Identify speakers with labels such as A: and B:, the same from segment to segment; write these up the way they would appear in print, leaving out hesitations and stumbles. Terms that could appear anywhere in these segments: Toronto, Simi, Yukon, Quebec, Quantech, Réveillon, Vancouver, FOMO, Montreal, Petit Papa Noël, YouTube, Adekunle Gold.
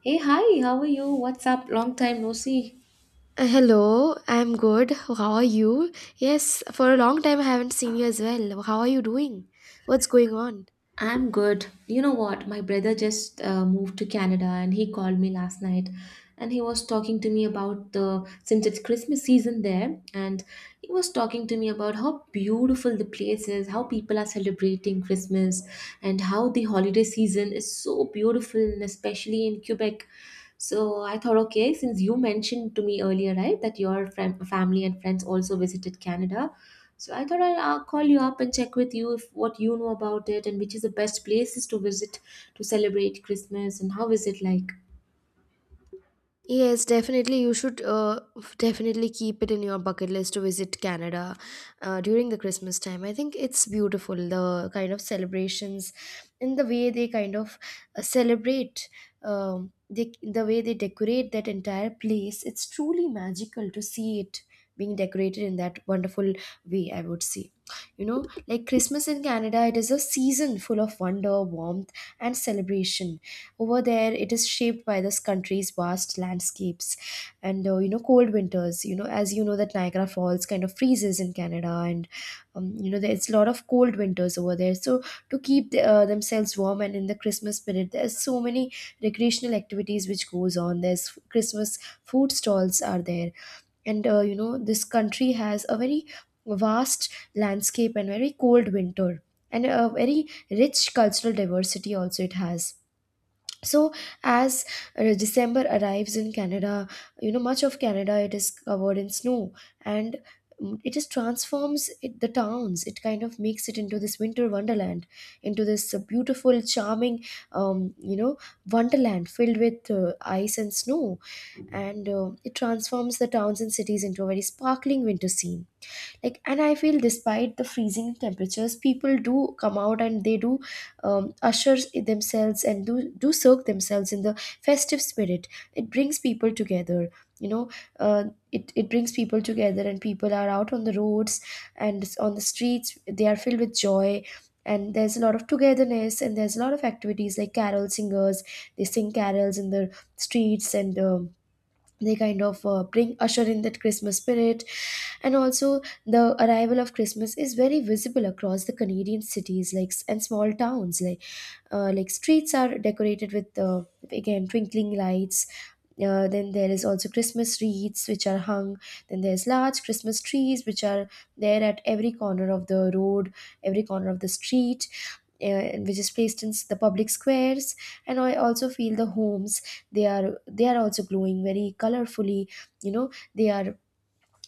A: Hey, hi, how are you? What's up? Long time no see.
B: Hello, I'm good. How are you? Yes, for a long time I haven't seen you as well. How are you doing? What's going on?
A: I'm good. You know what? My brother just moved to Canada and he called me last night and he was talking to me about the since it's Christmas season there, and he was talking to me about how beautiful the place is, how people are celebrating Christmas, and how the holiday season is so beautiful, and especially in Quebec. So I thought, okay, since you mentioned to me earlier, right, that your family and friends also visited Canada, so I thought I'll call you up and check with you if what you know about it and which is the best places to visit to celebrate Christmas and how is it like?
B: Yes, definitely. You should definitely keep it in your bucket list to visit Canada during the Christmas time. I think it's beautiful, the kind of celebrations and the way they celebrate, the way they decorate that entire place. It's truly magical to see it being decorated in that wonderful way, I would say. You know, like Christmas in Canada, it is a season full of wonder, warmth, and celebration. Over there, it is shaped by this country's vast landscapes and you know, cold winters. You know, as you know, that Niagara Falls kind of freezes in Canada, and you know, there's a lot of cold winters over there. So to keep themselves warm and in the Christmas spirit, there's so many recreational activities which goes on. There's Christmas food stalls are there, and you know, this country has a very vast landscape and very cold winter, and a very rich cultural diversity also it has. So as December arrives in Canada, you know, much of Canada it is covered in snow, and it just transforms it, the towns, it kind of makes it into this winter wonderland, into this beautiful, charming, you know, wonderland filled with ice and snow. And it transforms the towns and cities into a very sparkling winter scene. Like, and I feel despite the freezing temperatures, people do come out and they do usher themselves and do soak themselves in the festive spirit. It brings people together, you know. Uh, it, it brings people together, and people are out on the roads and on the streets, they are filled with joy. And there's a lot of togetherness, and there's a lot of activities like carol singers, they sing carols in the streets, and they bring, usher in that Christmas spirit. And also the arrival of Christmas is very visible across the Canadian cities and small towns, like streets are decorated with again, twinkling lights. Then there is also Christmas wreaths which are hung, then there's large Christmas trees which are there at every corner of the road, every corner of the street, which is placed in the public squares. And I also feel the homes, they are also glowing very colorfully. You know, they are,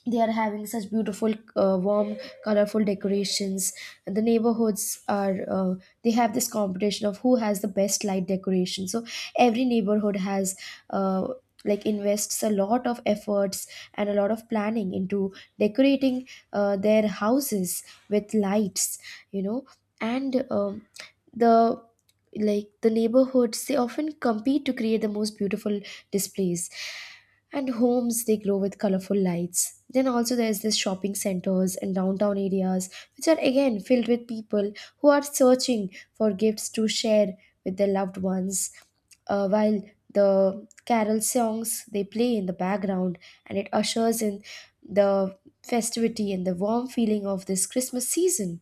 B: they are having such beautiful warm, colorful decorations. And the neighborhoods are they have this competition of who has the best light decoration. So every neighborhood has uh, like, invests a lot of efforts and a lot of planning into decorating their houses with lights, you know. And the like, the neighborhoods, they often compete to create the most beautiful displays, and homes, they glow with colorful lights. Then also there's this shopping centers and downtown areas which are again filled with people who are searching for gifts to share with their loved ones, while the carol songs they play in the background, and it ushers in the festivity and the warm feeling of this Christmas season.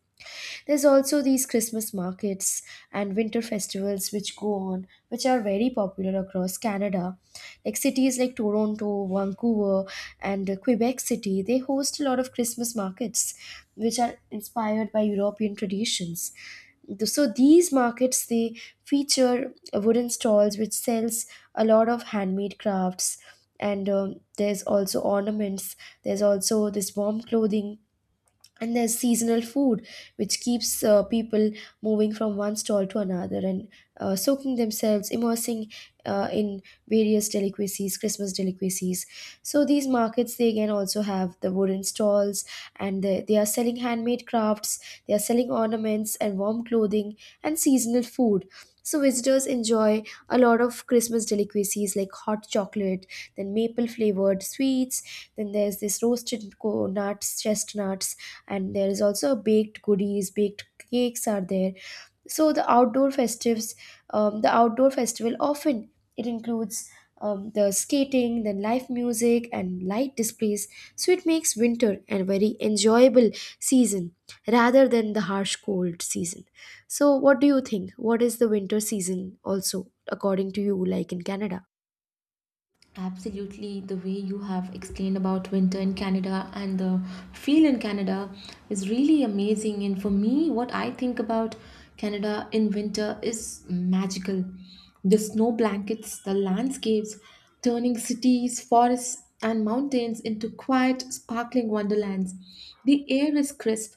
B: There's also these Christmas markets and winter festivals which go on, which are very popular across Canada. Like cities like Toronto, Vancouver, and Quebec City, they host a lot of Christmas markets, which are inspired by European traditions. So these markets they feature wooden stalls which sells a lot of handmade crafts, and there's also ornaments. There's also this warm clothing, and there's seasonal food which keeps people moving from one stall to another, and soaking themselves, immersing in various delicacies, Christmas delicacies. So these markets, they again also have the wooden stalls, and they are selling handmade crafts, they are selling ornaments and warm clothing and seasonal food. So visitors enjoy a lot of Christmas delicacies like hot chocolate, then maple flavored sweets, then there's this roasted co- nuts chestnuts, and there is also baked goodies, baked cakes are there. So the outdoor festives the outdoor festival often it includes the skating, then live music and light displays. So it makes winter a very enjoyable season rather than the harsh cold season. So what do you think? What is the winter season also according to you, like, in Canada?
A: Absolutely, the way you have explained about winter in Canada and the feel in Canada is really amazing. And for me, what I think about Canada in winter is magical. The snow blankets, the landscapes, turning cities, forests, and mountains into quiet, sparkling wonderlands. The air is crisp,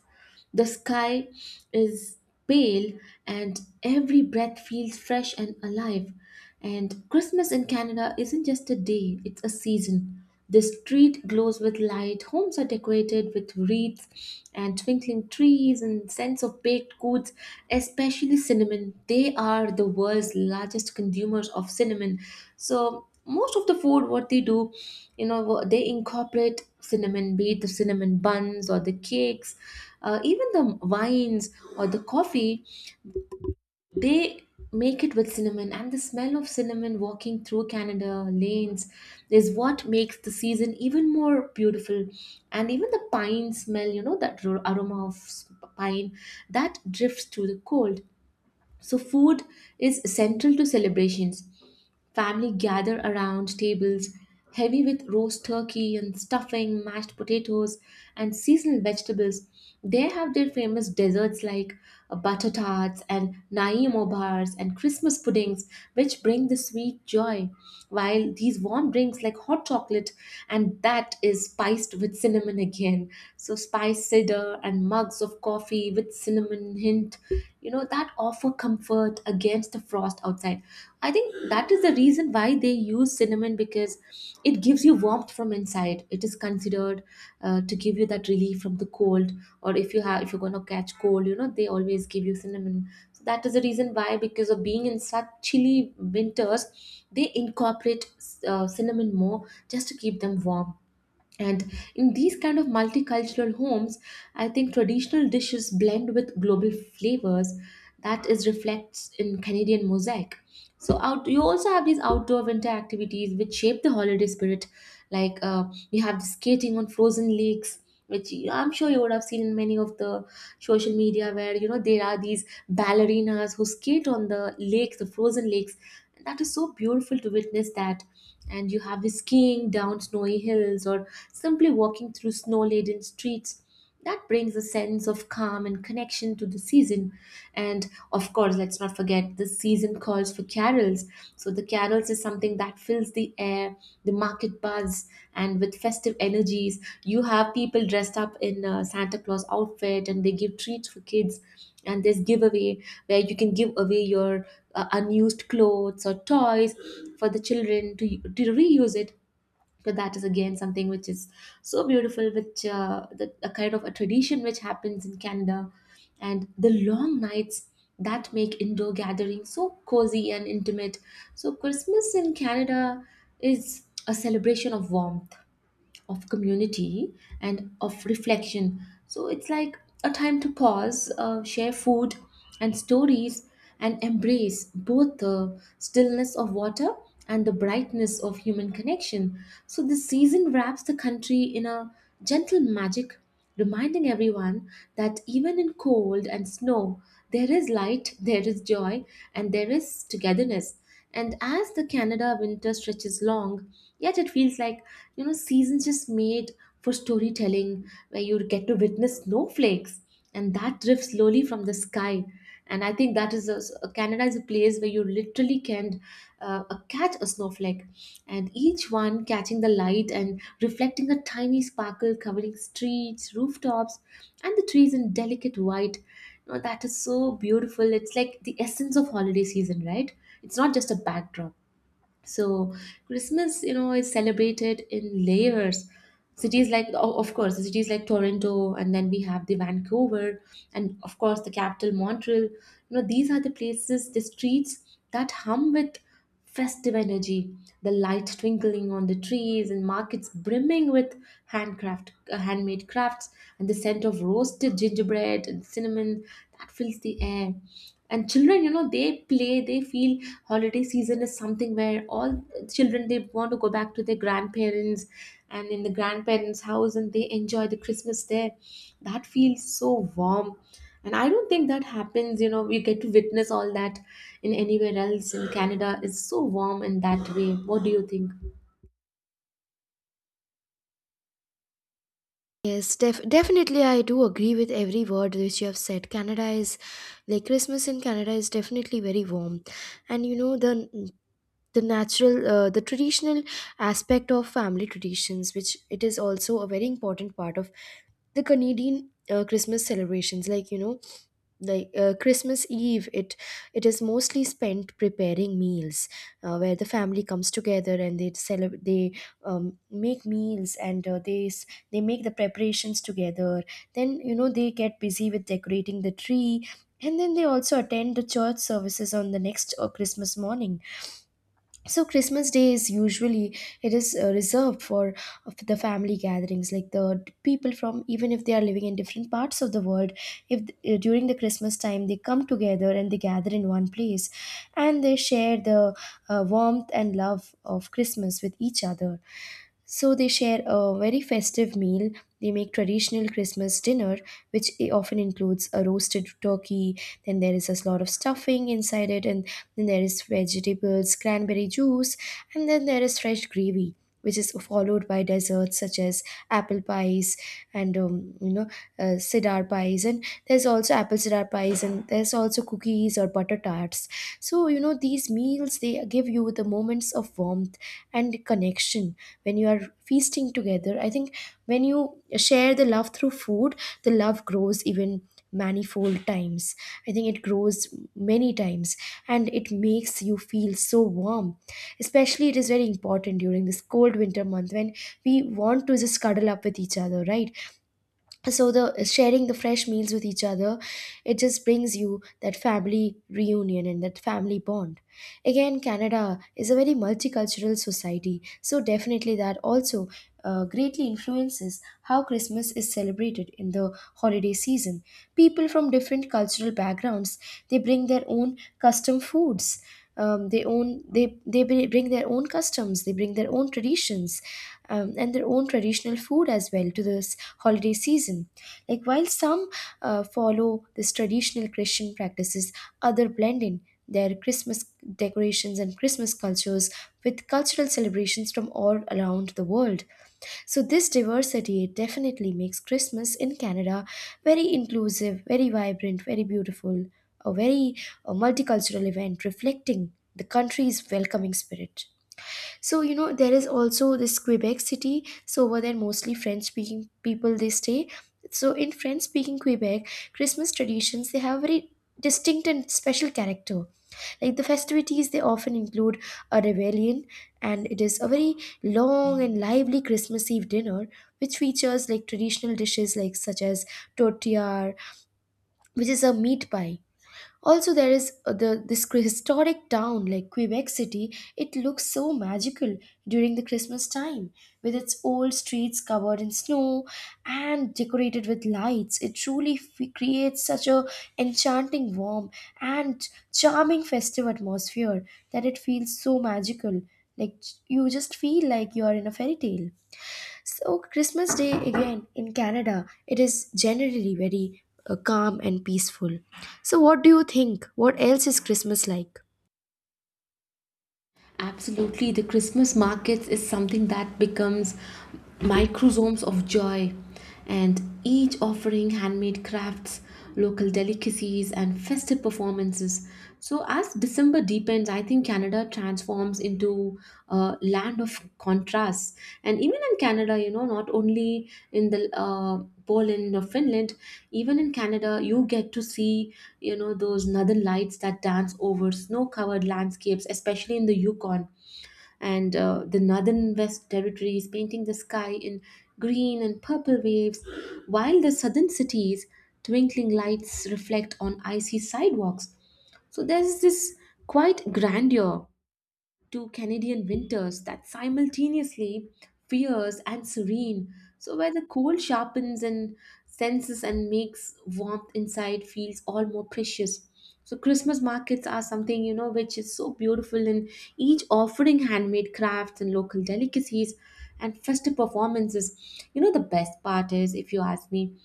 A: The sky is pale, and every breath feels fresh and alive. And Christmas in Canada isn't just a day, it's a season. The street glows with light, homes are decorated with wreaths and twinkling trees and scents of baked goods, especially cinnamon. They are the world's largest consumers of cinnamon. So, most of the food, what they do, you know, they incorporate cinnamon, be it the cinnamon buns or the cakes, even the wines or the coffee. They make it with cinnamon, and the smell of cinnamon walking through Canada lanes is what makes the season even more beautiful. And even the pine smell, you know, that aroma of pine that drifts through the cold. So, food is central to celebrations. Family gather around tables heavy with roast turkey and stuffing, mashed potatoes, and seasonal vegetables. They have their famous desserts like butter tarts and naimo bars and Christmas puddings, which bring the sweet joy. While these warm drinks like hot chocolate, and that is spiced with cinnamon again. So, spice cider, and mugs of coffee with cinnamon hint, you know, that offer comfort against the frost outside. I think that is the reason why they use cinnamon, because it gives you warmth from inside. It is considered, to give you that relief from the cold, or if you have if you're gonna catch cold, you know, they always give you cinnamon. So that is the reason why, because of being in such chilly winters, they incorporate cinnamon more just to keep them warm. And in these kind of multicultural homes, I think traditional dishes blend with global flavors, that is reflects in Canadian mosaic. So out you also have these outdoor winter activities which shape the holiday spirit, like you have skating on frozen lakes, which I'm sure you would have seen in many of the social media, where you know there are these ballerinas who skate on the lake, the frozen lakes, and that is so beautiful to witness that. And you have the skiing down snowy hills, or simply walking through snow-laden streets. That brings a sense of calm and connection to the season. And of course, let's not forget the season calls for carols. So, the carols is something that fills the air, the market buzz, and with festive energies. You have people dressed up in a Santa Claus outfit and they give treats for kids. And there's giveaway where you can give away your unused clothes or toys for the children to reuse it. But that is again something which is so beautiful, which a kind of a tradition which happens in Canada. And the long nights that make indoor gatherings so cozy and intimate. So Christmas in Canada is a celebration of warmth, of community, and of reflection. So it's like a time to pause, share food and stories, and embrace both the stillness of water and the brightness of human connection. So this season wraps the country in a gentle magic, reminding everyone that even in cold and snow, there is light, there is joy, and there is togetherness. And as the Canada winter stretches long, yet it feels like, you know, seasons just made for storytelling, where you get to witness snowflakes and that drift slowly from the sky. And I think that is Canada is a place where you literally can catch a snowflake, and each one catching the light and reflecting a tiny sparkle, covering streets, rooftops, and the trees in delicate white. You know, that is so beautiful. It's like the essence of holiday season, right? It's not just a backdrop. So Christmas, you know, is celebrated in layers. Cities like, of course, the cities like Toronto, and then we have the Vancouver, and of course the capital Montreal. You know, these are the places, the streets that hum with festive energy. The light twinkling on the trees and markets brimming with handmade crafts, and the scent of roasted gingerbread and cinnamon that fills the air. And children, you know, they play, they feel holiday season is something where all children, they want to go back to their grandparents and in the grandparents house, and they enjoy the Christmas there. That feels so warm. And I don't think that happens, you know, we get to witness all that in anywhere else. In Canada, it's so warm in that way. What do you think?
B: Yes, definitely. I do agree with every word which you have said. Canada is, like, Christmas in Canada is definitely very warm. And you know, the natural, the traditional aspect of family traditions, which it is also a very important part of the Canadian Christmas celebrations. Like, you know, like Christmas Eve, it is mostly spent preparing meals, where the family comes together and they celebrate. They make meals, and they make the preparations together. Then, you know, they get busy with decorating the tree, and then they also attend the church services on the next Christmas morning. So Christmas Day is usually, it is reserved for of the family gatherings. Like people from, even if they are living in different parts of the world, if th- during the Christmas time, they come together and they gather in one place, and they share the warmth and love of Christmas with each other. So they share a very festive meal. They make traditional Christmas dinner, which often includes a roasted turkey. Then there is a lot of stuffing inside it, and then there is vegetables, cranberry juice, and then there is fresh gravy. Which is followed by desserts such as apple pies and cedar pies, and there's also apple cedar pies, and there's also cookies or butter tarts. So you know, these meals, they give you the moments of warmth and connection. When you are feasting together, I think when you share the love through food, the love grows even manifold times. I think it grows many times, and it makes you feel so warm, especially it is very important during this cold winter month when we want to just cuddle up with each other, right? So the sharing the fresh meals with each other, it just brings you that family reunion and that family bond. Again, Canada is a very multicultural society, so definitely that also greatly influences how Christmas is celebrated in the holiday season. People from different cultural backgrounds, they bring their own custom foods. They own they bri- bring their own customs. They bring their own traditions, and their own traditional food as well to this holiday season. Like, while some follow this traditional Christian practices, other blend in their Christmas decorations and Christmas cultures with cultural celebrations from all around the world. So this diversity definitely makes Christmas in Canada very inclusive, very vibrant, very beautiful, a very multicultural event reflecting the country's welcoming spirit. So, you know, there is also this Quebec City. So, over there, mostly French speaking people they stay. So, in French speaking Quebec, Christmas traditions, they have a very distinct and special character. Like the festivities, they often include a rebellion, and it is a very long and lively Christmas Eve dinner, which features like traditional dishes like such as tortilla, which is a meat pie. Also, there is historic town like Quebec City. It looks so magical during the Christmas time, with its old streets covered in snow and decorated with lights. It truly creates such a enchanting, warm, and charming festive atmosphere that it feels so magical. Like, you just feel like you are in a fairy tale. So Christmas Day again in Canada, it is generally very calm and peaceful. So, what do you think? What else is Christmas like?
A: Absolutely, the Christmas markets is something that becomes microsomes of joy, and each offering handmade crafts, local delicacies, and festive performances. So, as December deepens, I think Canada transforms into a land of contrasts. And even in Canada, you know, not only in the Poland or Finland, even in Canada, you get to see, you know, those northern lights that dance over snow covered landscapes, especially in the Yukon. And the northern West territories painting the sky in green and purple waves, while the southern cities' twinkling lights reflect on icy sidewalks. So there's this quite grandeur to Canadian winters, that simultaneously fierce and serene. So where the cold sharpens and senses and makes warmth inside feels all more precious. So Christmas markets are something, you know, which is so beautiful in each offering handmade crafts and local delicacies and festive performances. You know the best part is, if you ask me,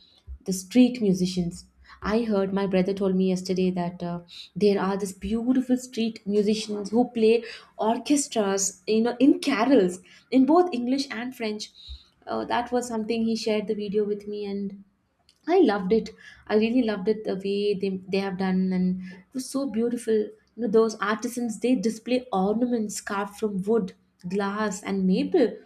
A: the street musicians. I heard my brother told me yesterday that there are these beautiful street musicians who play orchestras, you know, in carols in both English and French. That was something he shared the video with me, and I loved it. I really loved it, the way they have done, and it was so beautiful. You know, those artisans, they display ornaments carved from wood, glass, and maple.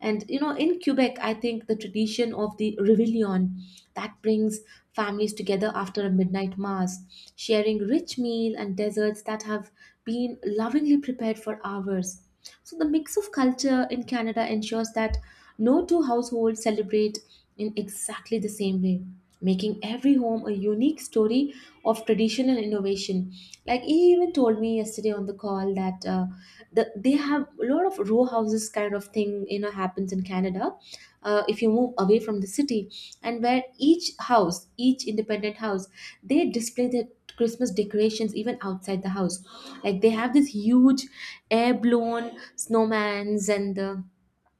A: And you know, in Quebec, I think the tradition of the Réveillon, that brings families together after a midnight mass, sharing rich meal and desserts that have been lovingly prepared for hours. So the mix of culture in Canada ensures that no two households celebrate in exactly the same way, making every home a unique story of tradition and innovation. Like, he even told me yesterday on the call that they have a lot of row houses kind of thing, you know, happens in Canada, if you move away from the city, and where each house, each independent house, they display their Christmas decorations even outside the house. Like they have this huge air blown snowmans and the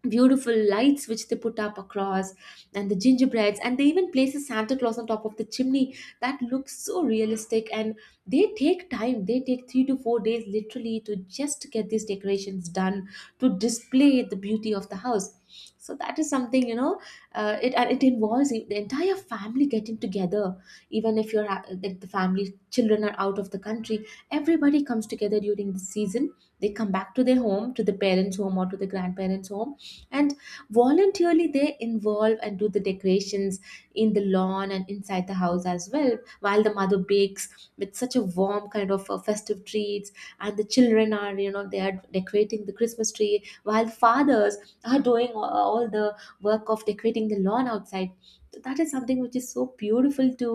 A: beautiful lights which they put up across, and the gingerbreads, and they even place a Santa Claus on top of the chimney that looks so realistic. And they take time, they take 3 to 4 days literally to just get these decorations done, to display the beauty of the house. So that is something, you know, it and it involves the entire family getting together. Even if like the family children are out of the country, everybody comes together during the season. They come back to their home, to the parents home or to the grandparents home, and voluntarily they involve and do the decorations in the lawn and inside the house as well, while the mother bakes with such a warm kind of festive treats, and the children are, you know, they are decorating the Christmas tree, while fathers are doing all the work of decorating the lawn outside. So that is something which is so beautiful to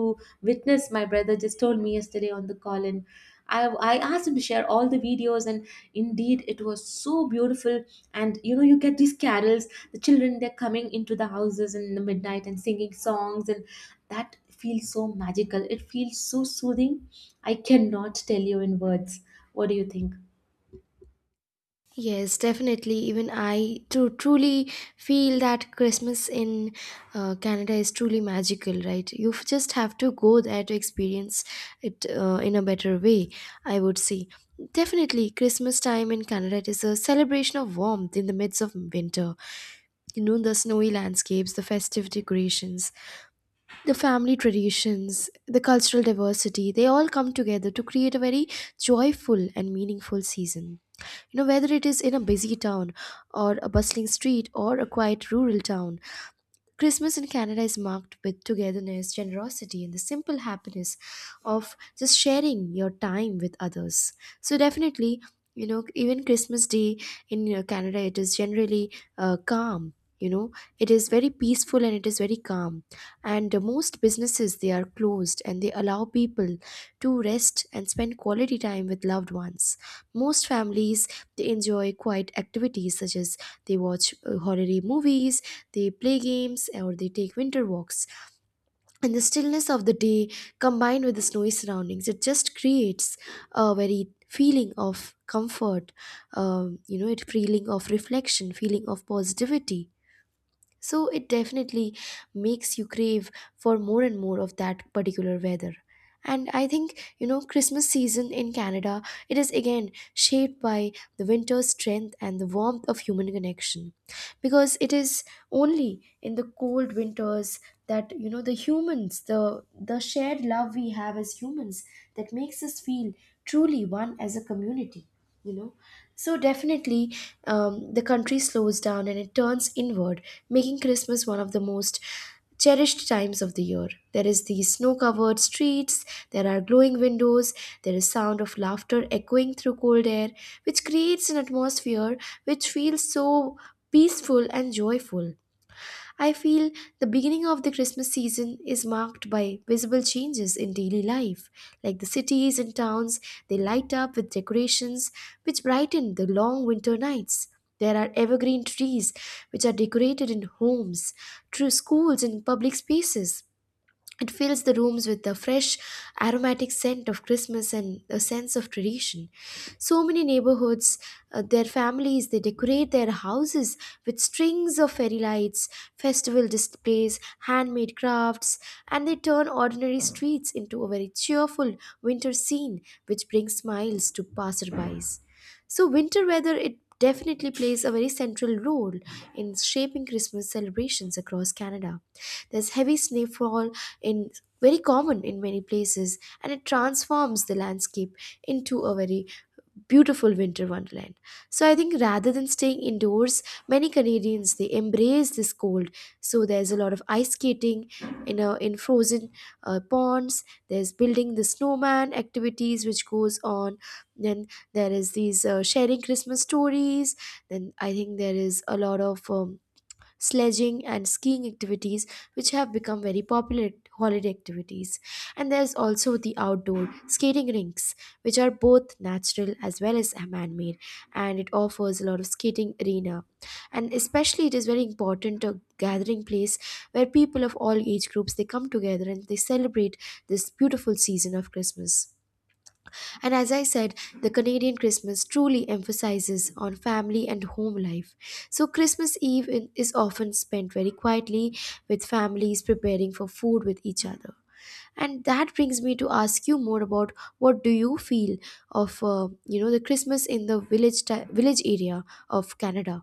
A: witness. My brother just told me yesterday on the call, and I asked him to share all the videos, and indeed it was so beautiful. And you know, you get these carols, the children, they're coming into the houses in the midnight and singing songs, and that feels so magical, it feels so soothing. I cannot tell you in words. What do you think?
B: Yes, definitely. Even I truly feel that Christmas in Canada is truly magical, right? You just have to go there to experience it in a better way, I would say. Definitely, Christmas time in Canada, it is a celebration of warmth in the midst of winter. You know, the snowy landscapes, the festive decorations, the family traditions, the cultural diversity, they all come together to create a very joyful and meaningful season. You know, whether it is in a busy town or a bustling street or a quiet rural town, Christmas in Canada is marked with togetherness, generosity, and the simple happiness of just sharing your time with others. So, definitely, you know, even Christmas Day in you Canada, it is generally calm. You know, it is very peaceful and it is very calm. And most businesses they are closed, and they allow people to rest and spend quality time with loved ones. Most families they enjoy quiet activities such as they watch holiday movies they play games or they take winter walks. And the stillness of the day combined with the snowy surroundings, it just creates a very feeling of comfort, it feeling of reflection, feeling of positivity. So it definitely makes you crave for more and more of that particular weather. And I think, you know, Christmas season in Canada, it is again shaped by the winter's strength and the warmth of human connection because it is only in the cold winters that you know the humans the shared love we have as humans that makes us feel truly one as a community, you know. So definitely, the country slows down and it turns inward, making Christmas one of the most cherished times of the year. There is the snow-covered streets, there are glowing windows, there is sound of laughter echoing through cold air, which creates an atmosphere which feels so peaceful and joyful. I feel the beginning of the Christmas season is marked by visible changes in daily life, like the cities and towns, they light up with decorations which brighten the long winter nights. There are evergreen trees which are decorated in homes, through schools and public spaces. It fills the rooms with the fresh, aromatic scent of Christmas and a sense of tradition. So many neighborhoods, their families, they decorate their houses with strings of fairy lights, festival displays, handmade crafts, and they turn ordinary streets into a very cheerful winter scene which brings smiles to passerbys. So, winter weather, it definitely plays a very central role in shaping Christmas celebrations across Canada. There's heavy snowfall in very common in many places, and it transforms the landscape into a very beautiful winter wonderland. So I think rather than staying indoors, many Canadians they embrace this cold. So there's a lot of ice skating in in frozen ponds. There's building the snowman activities which goes on. Then there is these sharing Christmas stories, then I think there is a lot of sledging and skiing activities which have become very popular holiday activities, and there's also the outdoor skating rinks which are both natural as well as man-made, and it offers a lot of skating arena, and especially it is very important a gathering place where people of all age groups they come together and they celebrate this beautiful season of Christmas. And as I said, the Canadian Christmas truly emphasizes on family and home life. So Christmas Eve is often spent very quietly with families preparing for food with each other. And that brings me to ask you more about what do you feel of you know the Christmas in the village area of Canada?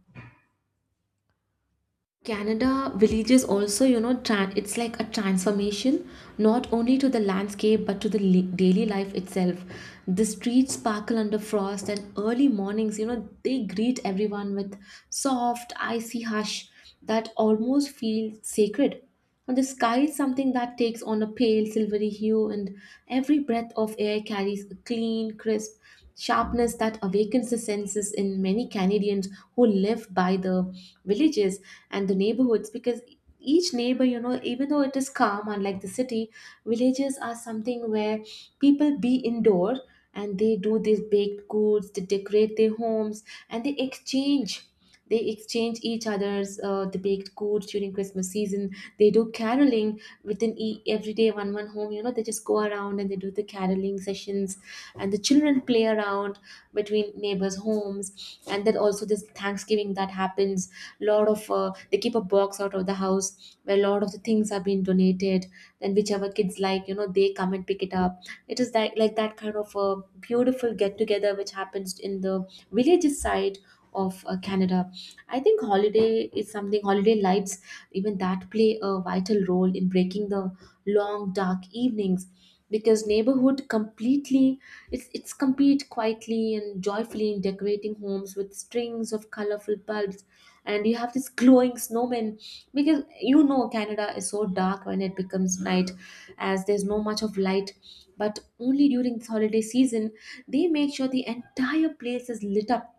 A: Canada villages also, you know, tran it's like a transformation not only to the landscape but to the daily life itself. The streets sparkle under frost, and early mornings, they greet everyone with soft, icy hush that almost feels sacred. And the sky is something that takes on a pale silvery hue, and every breath of air carries a clean, crisp sharpness that awakens the senses in many Canadians who live by the villages and the neighborhoods. Because each neighbor, even though it is calm, unlike the city, villages are something where people be indoor and they do these baked goods, they decorate their homes, and they exchange. They exchange each other's the baked goods during Christmas season. They do caroling within every day, one home. You know, they just go around and they do the caroling sessions, and the children play around between neighbors' homes. And then also this Thanksgiving that happens. Lot of they keep a box out of the house where a lot of the things are being donated. Then whichever kids like, you know, they come and pick it up. It is like that kind of a beautiful get together which happens in the villages side of Canada. I think holiday is something, holiday lights, even that play a vital role in breaking the long dark evenings, because neighborhood completely it's compete quietly and joyfully in decorating homes with strings of colorful bulbs, and you have this glowing snowmen. Because you know, Canada is so dark when it becomes night, as there's no much of light, but only during this holiday season they make sure the entire place is lit up.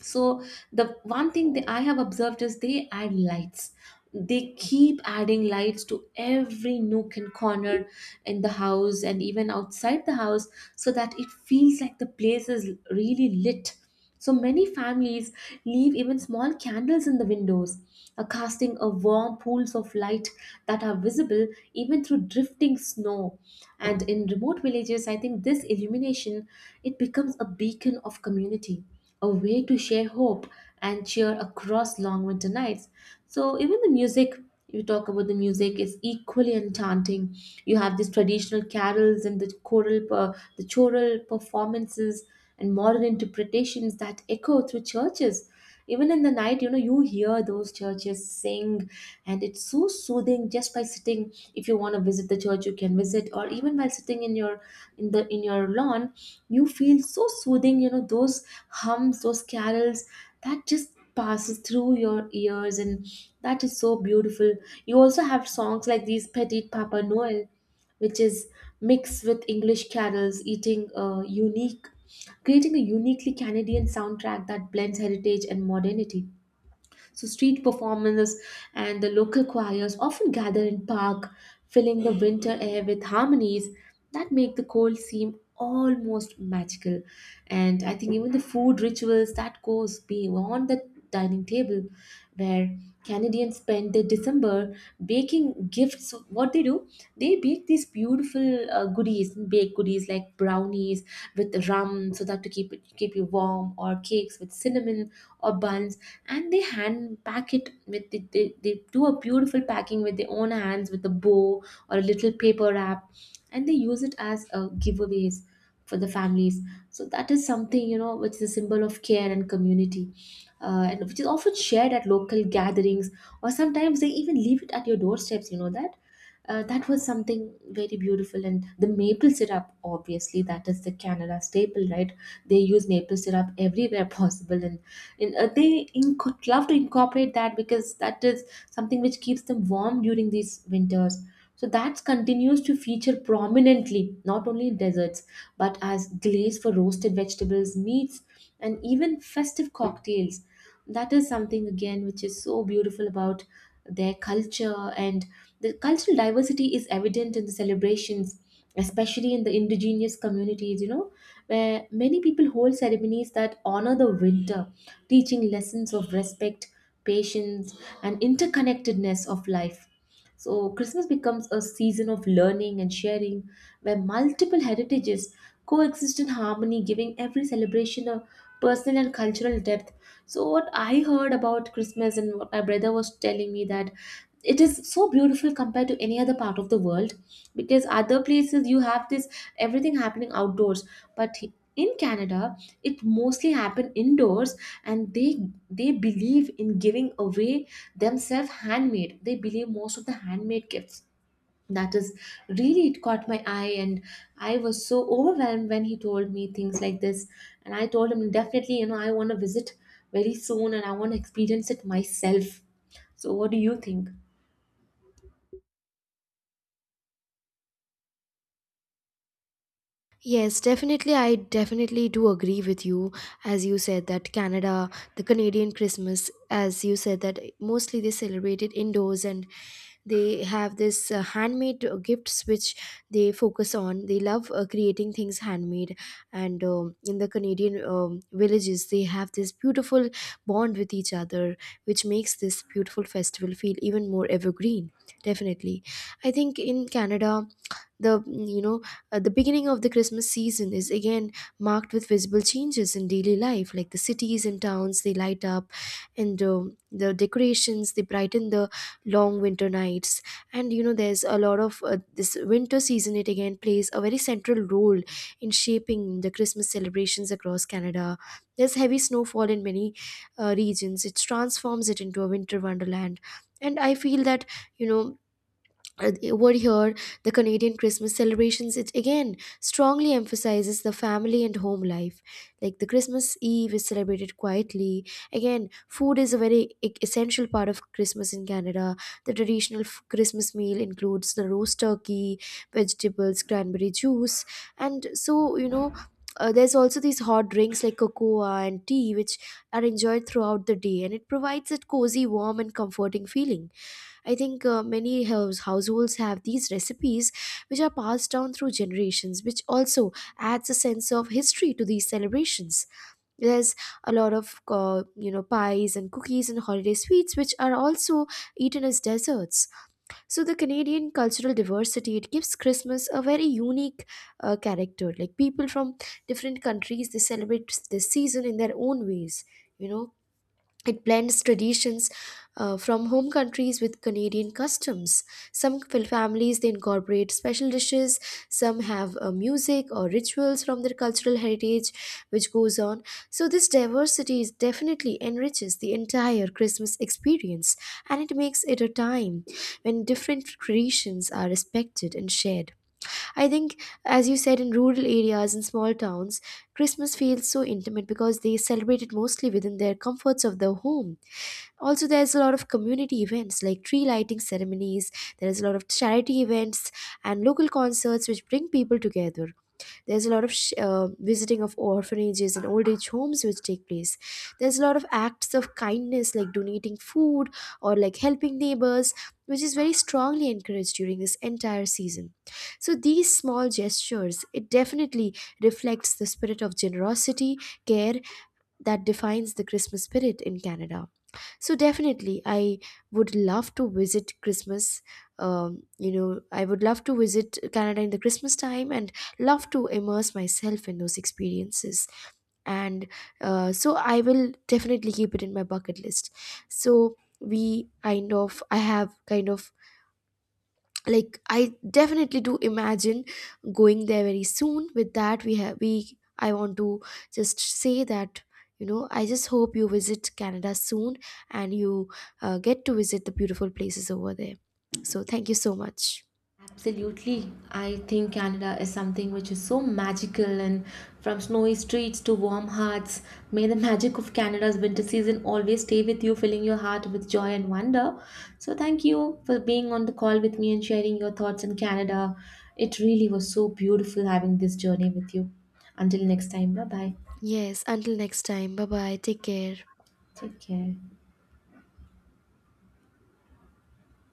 A: So the one thing that I have observed is they add lights. They keep adding lights to every nook and corner in the house and even outside the house so that it feels like the place is really lit. So many families leave even small candles in the windows, casting a warm pools of light that are visible even through drifting snow. And in remote villages, I think this illumination, it becomes a beacon of community, a way to share hope and cheer across long winter nights. So even the music, you talk about the music, is equally enchanting. You have these traditional carols and the choral performances and modern interpretations that echo through churches. Even in the night, you know, you hear those churches sing, and it's so soothing. Just by sitting, if you want to visit the church, you can visit, or even while sitting in your in the in your lawn, you feel so soothing, you know, those hums, those carols, that just passes through your ears. And that is so beautiful. You also have songs like these Petit Papa noel which is mixed with English carols, eating a unique creating a uniquely Canadian soundtrack that blends heritage and modernity. So street performances and the local choirs often gather in park, filling the winter air with harmonies that make the cold seem almost magical. And I think even the food rituals that goes beyond the dining table, where Canadians spend their December baking gifts. So what they do, they bake these beautiful goodies, baked goodies like brownies with rum, so that to keep you warm, or cakes with cinnamon or buns, and they hand pack it with they do a beautiful packing with their own hands with a bow or a little paper wrap, and they use it as giveaways for the families. So that is something, you know, which is a symbol of care and community, and which is often shared at local gatherings, or sometimes they even leave it at your doorsteps, you know. That That was something very beautiful. And the maple syrup, obviously that is the Canada staple, right? They use maple syrup everywhere possible in. And they love to incorporate that, because that is something which keeps them warm during these winters. So that continues to feature prominently, not only in deserts, but as glaze for roasted vegetables, meats, and even festive cocktails. That is something, again, which is so beautiful about their culture. And the cultural diversity is evident in the celebrations, especially in the indigenous communities, you know, where many people hold ceremonies that honor the winter, teaching lessons of respect, patience, and interconnectedness of life. So, Christmas becomes a season of learning and sharing where multiple heritages coexist in harmony, giving every celebration a personal and cultural depth. So, what I heard about Christmas and what my brother was telling me, that it is so beautiful compared to any other part of the world, because other places you have this everything happening outdoors, but in Canada it mostly happen indoors. And they believe in giving away themselves handmade, they believe most of the handmade gifts. That is really, it caught my eye, and I was so overwhelmed when he told me things like this. And I told him, definitely, you know, I want to visit very soon, and I want to experience it myself. So what do you think?
B: Yes, definitely. I definitely do agree with you. As you said, that Canada, the Canadian Christmas, as you said, that mostly they celebrate it indoors and they have this handmade gifts which they focus on. They love creating things handmade. And in the Canadian villages, they have this beautiful bond with each other, which makes this beautiful festival feel even more evergreen. Definitely. I think in Canada, the you know the beginning of the Christmas season is again marked with visible changes in daily life, like the cities and towns they light up, and the decorations they brighten the long winter nights. And you know there's a lot of this winter season, it again plays a very central role in shaping the Christmas celebrations across Canada. There's heavy snowfall in many regions, it transforms it into a winter wonderland. And I feel that, you know, over here, the Canadian Christmas celebrations, it again strongly emphasizes the family and home life. Like the Christmas Eve is celebrated quietly. Again, food is a very essential part of Christmas in Canada. The traditional Christmas meal includes the roast turkey, vegetables, cranberry juice, and so you know. There's also these hot drinks like cocoa and tea, which are enjoyed throughout the day, and it provides a cozy, warm, and comforting feeling. I think many households have these recipes which are passed down through generations, which also adds a sense of history to these celebrations. There's a lot of you know pies and cookies and holiday sweets which are also eaten as desserts. So the Canadian cultural diversity, it gives Christmas a very unique character. Like people from different countries, they celebrate this season in their own ways. You know, it blends traditions from home countries with Canadian customs. Some families they incorporate special dishes. Some have music or rituals from their cultural heritage, which goes on. So this diversity is definitely enriches the entire Christmas experience, and it makes it a time when different traditions are respected and shared. I think, as you said, in rural areas and small towns, Christmas feels so intimate because they celebrate it mostly within their comforts of the home. Also there's a lot of community events like tree lighting ceremonies, there's a lot of charity events and local concerts which bring people together. There's a lot of visiting of orphanages and old age homes which take place. There's a lot of acts of kindness like donating food or like helping neighbors, which is very strongly encouraged during this entire season. So these small gestures, it definitely reflects the spirit of generosity, care, that defines the Christmas spirit in Canada. So definitely, I would love to visit Christmas. You know, I would love to visit Canada in the Christmas time and love to immerse myself in those experiences. And so I will definitely keep it in my bucket list. So I have kind of like I definitely do imagine going there very soon. With that we have we I want to just say that, you know, I just hope you visit Canada soon, and you get to visit the beautiful places over there. So thank you so much.
A: Absolutely. I think Canada is something which is so magical, and from snowy streets to warm hearts, may the magic of Canada's winter season always stay with you, filling your heart with joy and wonder. So, thank you for being on the call with me and sharing your thoughts on Canada. It really was so beautiful having this journey with you. Until next time, bye bye.
B: Yes, until next time, bye bye, take care.
A: Take care.